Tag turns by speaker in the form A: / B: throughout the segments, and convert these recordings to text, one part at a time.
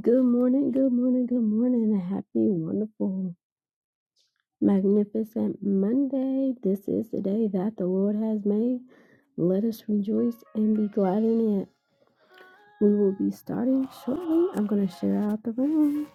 A: Good morning, good morning, good morning, and happy, wonderful, magnificent Monday. This is the day that the Lord has made. Let us rejoice and be glad in it. We will be starting shortly. I'm going to share out the room.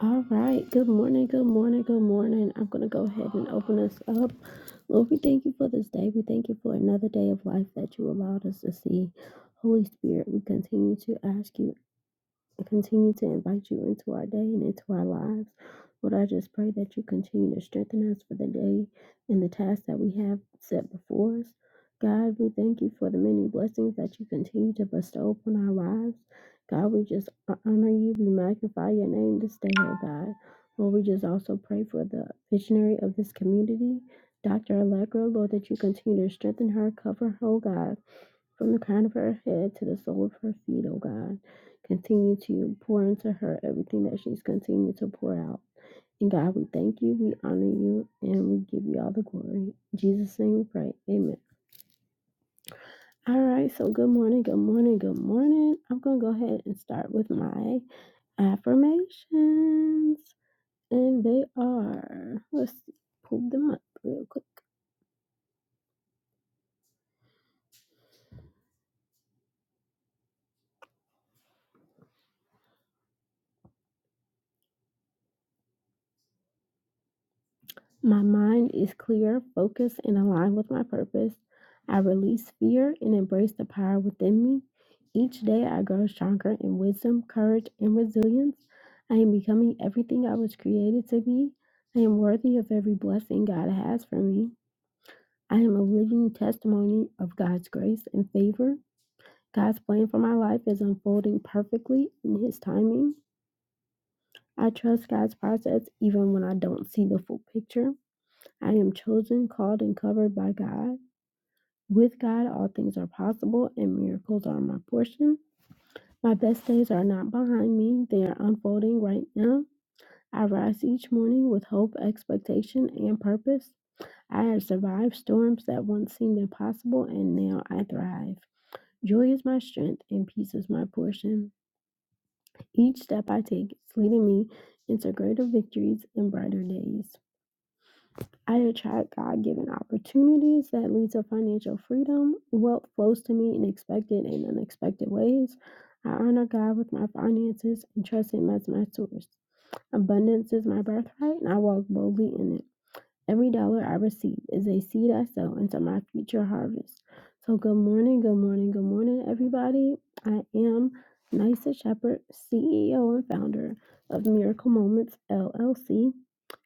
A: All right, good morning, good morning, good morning. I'm going to go ahead and open us up. Lord, we thank you for this day. We thank you for another day of life that you allowed us to see. Holy Spirit, we continue to ask you continue to invite you into our day and into our lives. Lord, I just pray that you continue to strengthen us for the day and the tasks that we have set before us. God, we thank you for the many blessings that you continue to bestow upon our lives. God, we just honor you. We magnify your name this day, oh God. Lord, we just also pray for the visionary of this community, Dr. Allegra, Lord, that you continue to strengthen her, cover her, oh God. From the crown of her head to the sole of her feet, O God, continue to pour into her everything that she's continued to pour out. And God, we thank you, we honor you, and we give you all the glory. In Jesus' name we pray. Amen. All right, so good morning, good morning, good morning. I'm going to go ahead and start with my affirmations. And they are, let's pull them up real quick. My mind is clear, focused, and aligned with my purpose. I release fear and embrace the power within me. Each day, I grow stronger in wisdom, courage, and resilience. I am becoming everything I was created to be. I am worthy of every blessing God has for me. I am a living testimony of God's grace and favor. God's plan for my life is unfolding perfectly in His timing. I trust God's process even when I don't see the full picture. I am chosen, called, and covered by God. With God, all things are possible, and miracles are my portion. My best days are not behind me, they are unfolding right now. I rise each morning with hope, expectation, and purpose. I have survived storms that once seemed impossible, and now I thrive. Joy is my strength, and peace is my portion. Each step I take is leading me into greater victories and brighter days. I attract God given opportunities that lead to financial freedom. Wealth flows to me in expected and unexpected ways. I honor God with my finances and trust Him as my source. Abundance is my birthright, and I walk boldly in it. Every dollar I receive is a seed I sow into my future harvest. So, good morning, good morning, good morning, everybody. I am Nysa Shepherd, CEO and founder of Miracle Moments LLC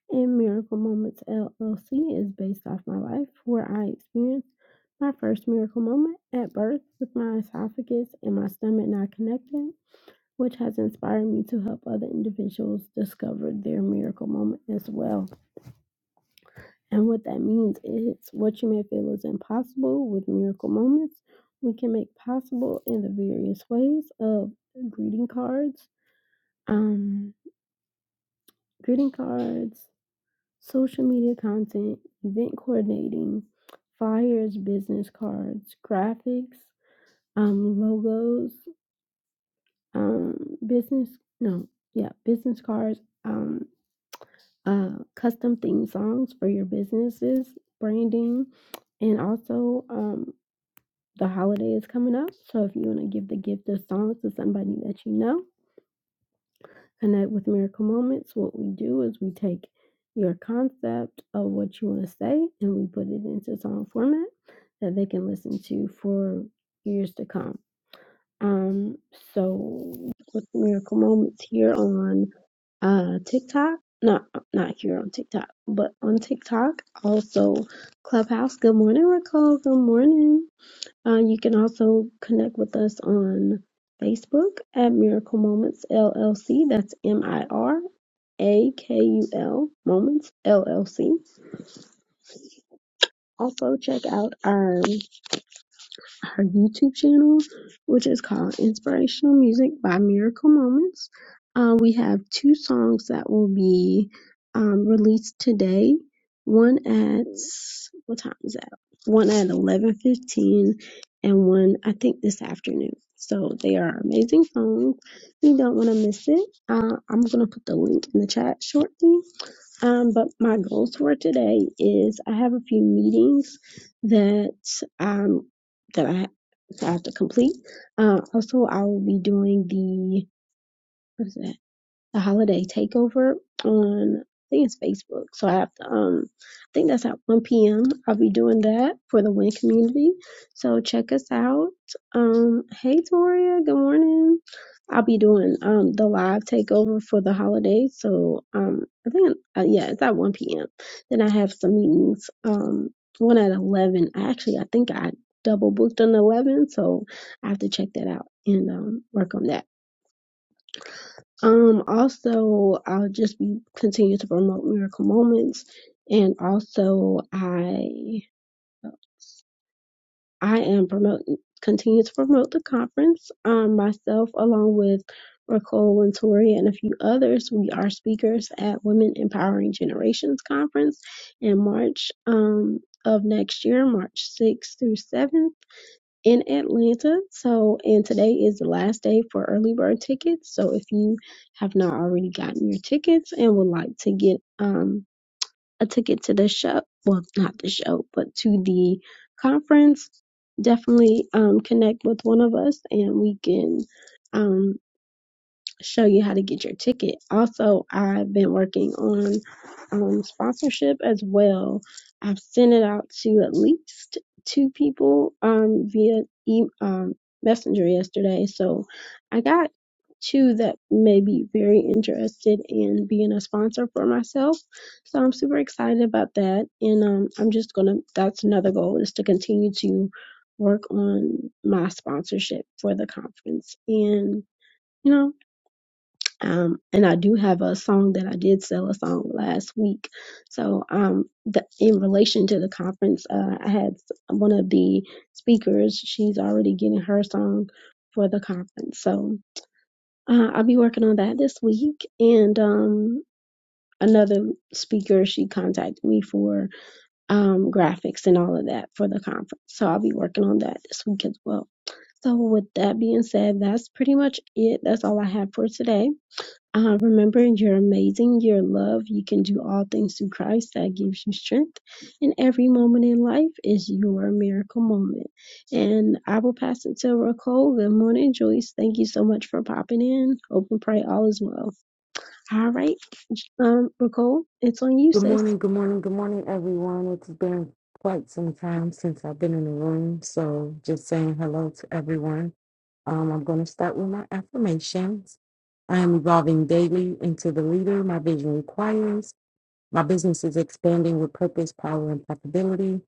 A: and Miracle Moments LLC is based off my life, where I experienced my first miracle moment at birth with my esophagus and my stomach not connected, which has inspired me to help other individuals discover their miracle moment as well. And what that means is what you may feel is impossible with miracle moments, we can make possible in the various ways of greeting cards, um, greeting cards, Social media content, event coordinating, flyers, business cards, graphics, um, logos, um, business, no, yeah, business cards, um, uh, custom theme songs for your businesses, branding, and also um, the holiday is coming up. So if you want to give the gift of songs to somebody that you know, And that with Miracle Moments, what we do is we take your concept of what you want to say and we put it into song format that they can listen to for years to come. Um, so with Miracle Moments here on uh TikTok. Not not here on TikTok, but on TikTok. Also Clubhouse. Good morning, Raquel. Good morning. Uh, you can also connect with us on Facebook at Miracle Moments LLC. That's M I R A K U L Moments LLC. Also, check out our her YouTube channel, which is called Inspirational Music by Miracle Moments. Uh, we have two songs that will be um, released today. One at what time is that? One at eleven fifteen, and one I think this afternoon. So they are amazing songs. You don't want to miss it. Uh, I'm gonna put the link in the chat shortly. Um, but my goals for today is I have a few meetings that um that I, that I have to complete. Uh, also, I will be doing the what is that the holiday takeover on I think it's Facebook. So I have to um I think that's at one PM. I'll be doing that for the Win community. So check us out. Um hey Toria, good morning. I'll be doing um the live takeover for the holidays, So um I think uh, yeah, it's at one PM. Then I have some meetings. Um one at eleven. Actually I think I double booked on eleven, so I have to check that out and um work on that. Um, also, I'll just be continue to promote Miracle Moments, and also I I am promoting continue to promote the conference. Um, myself along with Raquel and Tori and a few others, we are speakers at Women Empowering Generations Conference in March um of next year, March sixth through 7th in Atlanta. So, and today is the last day for early bird tickets. So, if you have not already gotten your tickets and would like to get um a ticket to the show, well, not the show, but to the conference, definitely um connect with one of us and we can um show you how to get your ticket. Also, I've been working on um, sponsorship as well. I've sent it out to at least two people um, via e- um, messenger yesterday. So I got two that may be very interested in being a sponsor for myself. So I'm super excited about that. And um, I'm just going to, that's another goal is to continue to work on my sponsorship for the conference. And, you know, um, and I do have a song that I did sell a song last week. So, um, the, in relation to the conference, uh, I had s- one of the speakers, she's already getting her song for the conference. So, uh, I'll be working on that this week. And, um, another speaker, she contacted me for, um, graphics and all of that for the conference. So I'll be working on that this week as well. So with that being said, that's pretty much it. That's all I have for today. Uh, remembering you're amazing, you're loved, you can do all things through Christ that gives you strength. And every moment in life is your miracle moment. And I will pass it to Raquel. Good morning, Joyce. Thank you so much for popping in. Hope and pray all is well. All right, um, Raquel, it's on you,
B: Good
A: sis.
B: morning, good morning, good morning, everyone. It's been quite some time since I've been in the room, so just saying hello to everyone. Um, I'm going to start with my affirmations. I am evolving daily into the leader my vision requires. My business is expanding with purpose, power, and possibility.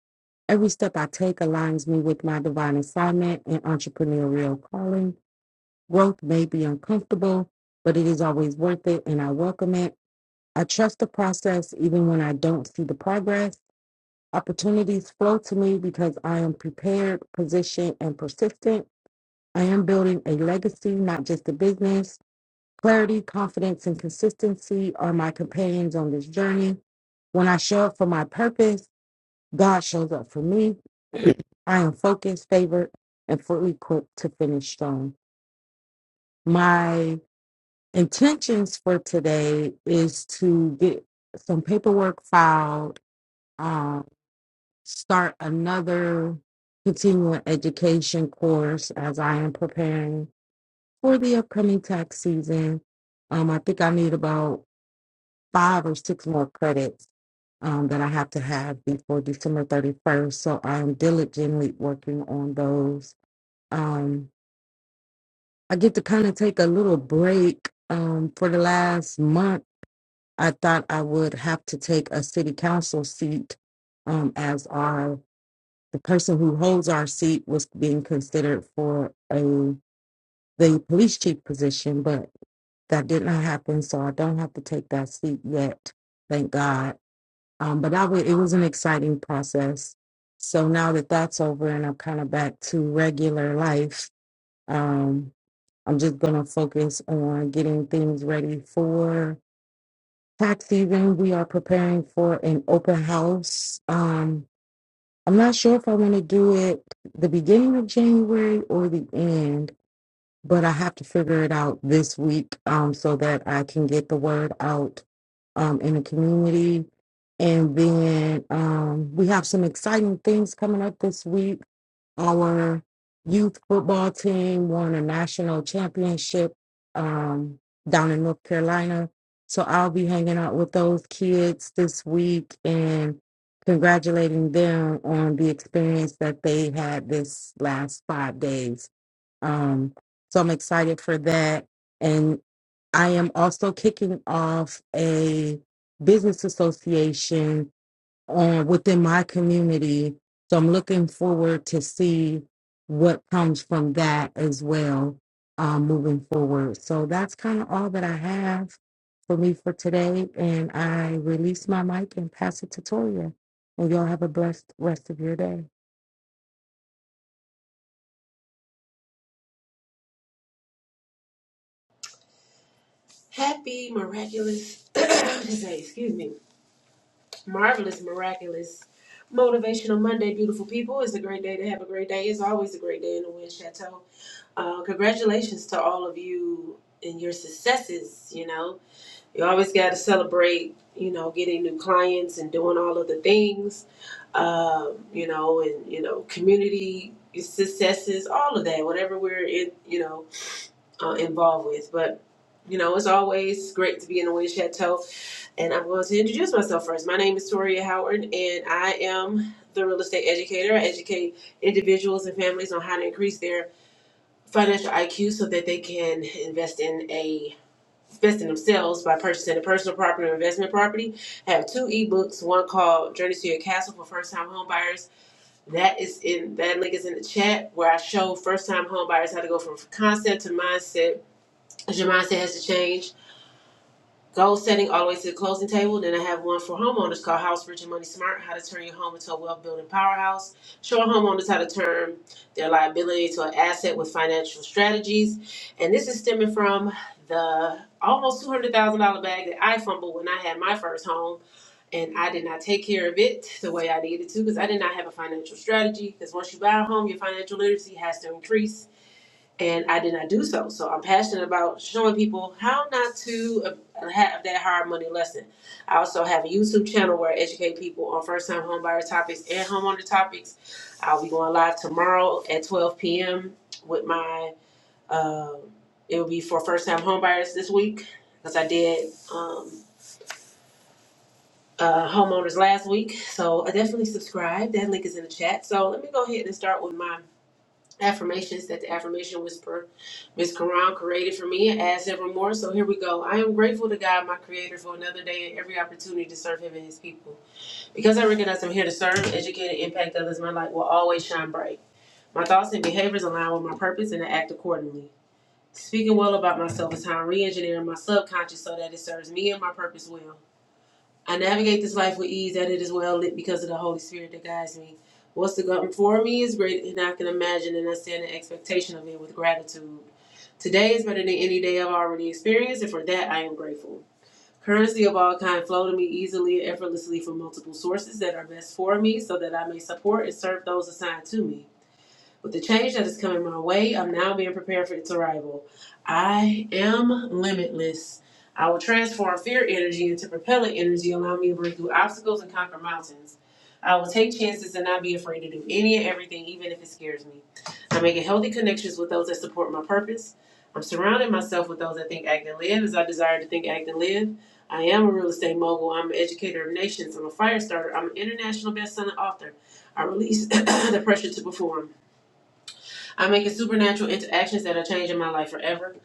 B: Every step I take aligns me with my divine assignment and entrepreneurial calling. Growth may be uncomfortable, but it is always worth it, and I welcome it. I trust the process even when I don't see the progress. Opportunities flow to me because I am prepared, positioned, and persistent. I am building a legacy, not just a business. Clarity, confidence, and consistency are my companions on this journey. When I show up for my purpose, God shows up for me. I am focused, favored, and fully equipped to finish strong. My intentions for today is to get some paperwork filed uh, start another continuing education course as I am preparing for the upcoming tax season. Um, I think I need about five or six more credits um, that I have to have before December 31st. So I'm diligently working on those. Um, I get to kind of take a little break um, for the last month. I thought I would have to take a city council seat um, as our the person who holds our seat was being considered for a the police chief position, but that did not happen. So I don't have to take that seat yet, thank God. Um, but that was, it was an exciting process. So now that that's over and I'm kind of back to regular life, um, I'm just going to focus on getting things ready for tax season. We are preparing for an open house. Um, I'm not sure if I want to do it the beginning of January or the end, but I have to figure it out this week um, so that I can get the word out um, in the community. And then um, we have some exciting things coming up this week our youth football team won a national championship um, down in North Carolina. So I'll be hanging out with those kids this week and congratulating them on the experience that they had this last five days. Um, so I'm excited for that. And I am also kicking off a business association uh, within my community. So I'm looking forward to see what comes from that as well um, moving forward. So that's kind of all that I have for me for today. And I release my mic and pass it to Toria. And y'all have a blessed rest of your day.
C: Happy, miraculous, say, excuse me, marvelous, miraculous, motivational Monday, beautiful people. It's a great day to have a great day. It's always a great day in the Wind Chateau. Uh, congratulations to all of you and your successes. You know, you always got to celebrate, you know, getting new clients and doing all of the things, um, you know, and, you know, community successes, all of that, whatever we're in, you know, uh, involved with. But you know, it's always great to be in the Wind Chateau and I'm going to introduce myself first. My name is Toria Howard, and I am the real estate educator. I educate individuals and families on how to increase their financial IQ so that they can invest in a invest in themselves by purchasing a personal property or investment property. I have two ebooks, one called Journey to Your Castle for first time home buyers. That is in that link is in the chat where I show first time home buyers how to go from concept to mindset. 'cause Your mindset has to change Goal setting all the way to the closing table. Then I have one for homeowners called House Rich and Money Smart: How to Turn Your Home into a Wealth Building Powerhouse. Showing homeowners how to turn their liability to an asset with financial strategies. And this is stemming from the almost two hundred thousand dollar bag that I fumbled when I had my first home, and I did not take care of it the way I needed to because I did not have a financial strategy. Because once you buy a home, your financial literacy has to increase and I did not do so. So I'm passionate about showing people how not to uh, have that hard money lesson. I also have a YouTube channel where I educate people on first time homebuyer topics and homeowner topics. I'll be going live tomorrow at 12 p.m. with my, uh, it will be for first time homebuyers this week because I did um, uh, homeowners last week. So I definitely subscribe. That link is in the chat. So let me go ahead and start with my affirmations that the affirmation whisperer Miss Quran created for me and adds evermore, so here we go. I am grateful to God, my Creator, for another day and every opportunity to serve Him and His people. Because I recognize I'm here to serve, educate, and impact others, my light will always shine bright. My thoughts and behaviors align with my purpose and I act accordingly. Speaking well about myself is how I'm re engineering my subconscious so that it serves me and my purpose well. I navigate this life with ease, that it is well lit because of the Holy Spirit that guides me. What's to come for me is greater than I can imagine, and I stand in expectation of it with gratitude. Today is better than any day I've already experienced, and for that I am grateful. Currency of all kind flow to me easily and effortlessly from multiple sources that are best for me so that I may support and serve those assigned to me. With the change that is coming my way, I'm now being prepared for its arrival. I am limitless. I will transform fear energy into propellant energy, allowing me to break through obstacles and conquer mountains. I will take chances and not be afraid to do any and everything, even if it scares me. I'm making healthy connections with those that support my purpose. I'm surrounding myself with those that think, act, and live as I desire to think, act, and live. I am a real estate mogul. I'm an educator of nations. I'm a fire starter. I'm an international best-selling author. I release the pressure to perform. I'm making supernatural interactions that are changing my life forever.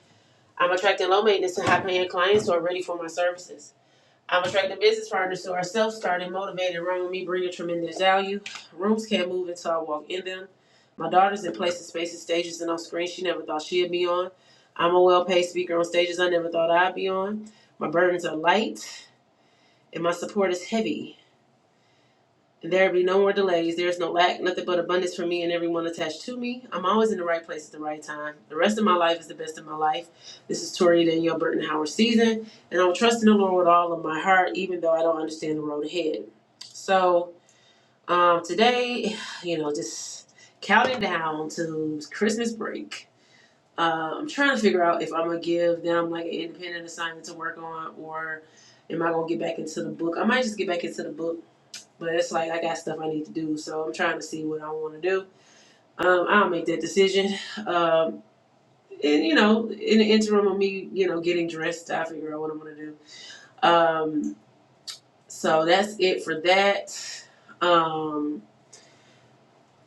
C: I'm attracting low maintenance and high paying clients who are ready for my services. I'm attracting business partners who are self starting, motivated, run with me, bringing tremendous value. Rooms can't move until I walk in them. My daughter's in places, spaces, stages, and on screens she never thought she'd be on. I'm a well paid speaker on stages I never thought I'd be on. My burdens are light and my support is heavy. There be no more delays. There is no lack, nothing but abundance for me and everyone attached to me. I'm always in the right place at the right time. The rest of my life is the best of my life. This is Tori Danielle Burton Howard season, and I'm trusting the Lord with all of my heart, even though I don't understand the road ahead. So um, today, you know, just counting down to Christmas break. Uh, I'm trying to figure out if I'm gonna give them like an independent assignment to work on, or am I gonna get back into the book? I might just get back into the book but it's like I got stuff I need to do, so I'm trying to see what I want to do. Um, I'll make that decision. Um, and you know, in the interim of me, you know, getting dressed, I figure out what I'm gonna do. Um, so that's it for that. Um,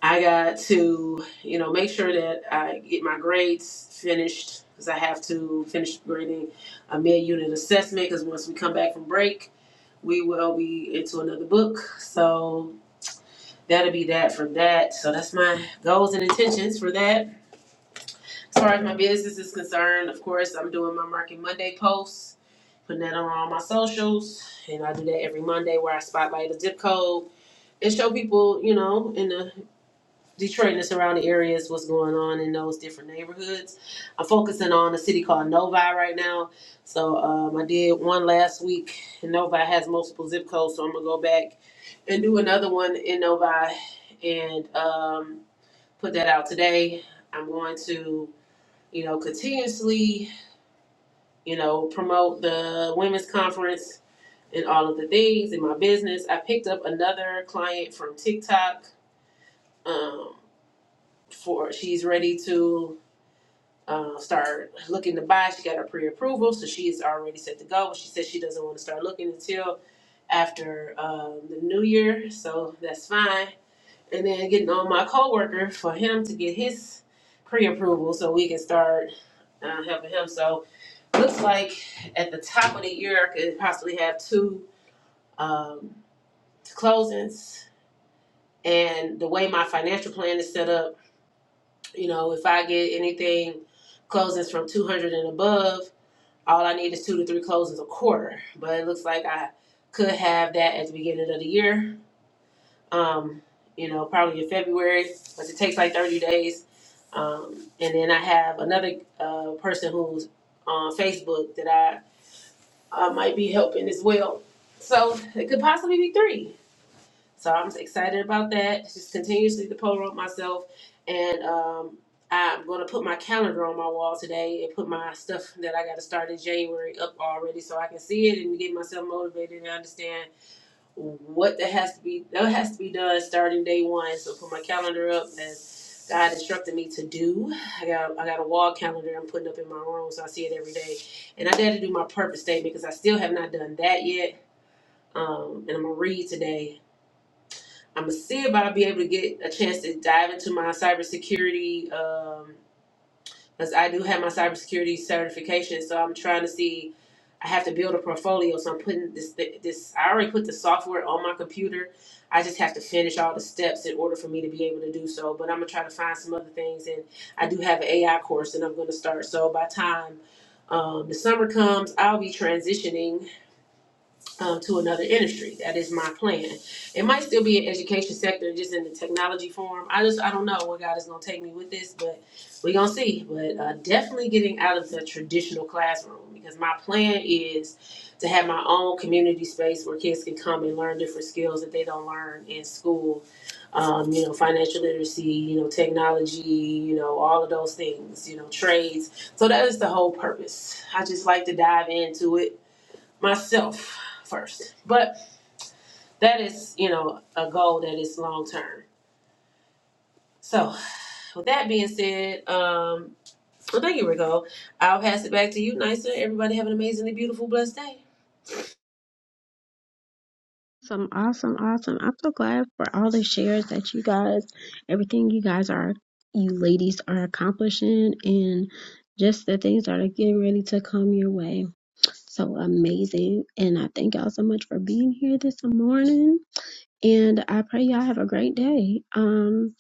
C: I got to, you know, make sure that I get my grades finished because I have to finish grading a mid-unit assessment. Because once we come back from break, we will be into another book. So that'll be that for that. So that's my goals and intentions for that. As far as my business is concerned, of course, I'm doing my Market Monday posts, putting that on all my socials, and I do that every Monday where I spotlight a zip code and show people, you know, in the Detroit and the surrounding areas what's going on in those different neighborhoods. I'm focusing on a city called Novi right now. So um, I did one last week, and Novi has multiple zip codes, so I'm gonna go back and do another one in Novi. And um, put that out today. I'm going to, you know, continuously, you know, promote the women's conference and all of the things in my business. I picked up another client from TikTok. Um, for she's ready to uh, start looking to buy. She got her pre-approval, so she is already set to go. But she said she doesn't want to start looking until after um, the new year, so that's fine. And then getting on my coworker for him to get his pre-approval, so we can start uh, helping him. So looks like at the top of the year, I could possibly have two um, two closings. And the way my financial plan is set up, you know, if I get anything closings from 200 and above, all I need is two to three closings a quarter. But it looks like I could have that at the beginning of the year, um, you know, probably in February, but it takes like 30 days. Um, and then I have another uh, person who's on Facebook that I uh, might be helping as well. So it could possibly be three. So I'm excited about that. Just continuously to poll up myself, and um, I'm going to put my calendar on my wall today and put my stuff that I got to start in January up already, so I can see it and get myself motivated and understand what that has to be that has to be done starting day one. So put my calendar up as God instructed me to do. I got I got a wall calendar I'm putting up in my room so I see it every day. And I dare to do my purpose statement because I still have not done that yet. Um, and I'm gonna read today. I'm gonna see if I'll be able to get a chance to dive into my cybersecurity. Um, because I do have my cybersecurity certification. So I'm trying to see. I have to build a portfolio, so I'm putting this this. I already put the software on my computer. I just have to finish all the steps in order for me to be able to do so. But I'm gonna try to find some other things, and I do have an AI course that I'm gonna start. So by the time um, the summer comes, I'll be transitioning um, to another industry. That is my plan. It might still be an education sector, just in the technology form. I just I don't know where God is gonna take me with this, but we gonna see. But uh, definitely getting out of the traditional classroom because my plan is to have my own community space where kids can come and learn different skills that they don't learn in school. Um, you know, financial literacy, you know, technology, you know, all of those things, you know, trades. So that is the whole purpose. I just like to dive into it myself first. But that is, you know, a goal that is long term. So, with that being said, um, well, thank you, Rico. I'll pass it back to you, Nisa. Everybody have an amazingly beautiful, blessed day.
A: Awesome, awesome, awesome. I'm so glad for all the shares that you guys, everything you guys are, you ladies are accomplishing, and just the things that are getting ready to come your way. So amazing. And I thank y'all so much for being here this morning. And I pray y'all have a great day. Um,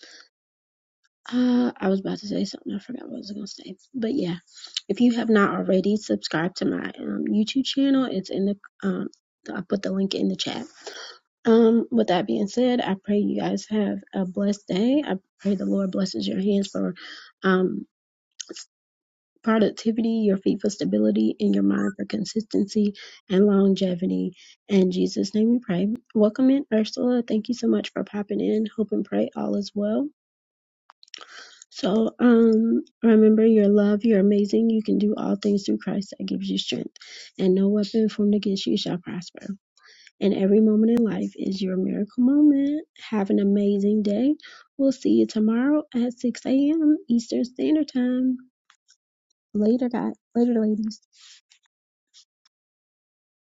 A: uh, I was about to say something. I forgot what I was going to say. But yeah, if you have not already, subscribe to my um, YouTube channel. It's in the, um, I put the link in the chat um, with that being said, I pray you guys have a blessed day. I pray the Lord blesses your hands for um, productivity, your feet for stability, and your mind for consistency and longevity. In Jesus' name we pray. Welcome in, Ursula. Thank you so much for popping in. Hope and pray all is well. So um, remember, your love, you're amazing. You can do all things through Christ that gives you strength, and no weapon formed against you shall prosper. And every moment in life is your miracle moment. Have an amazing day. We'll see you tomorrow at 6 a.m. Eastern Standard Time. Later, guys. Later, ladies.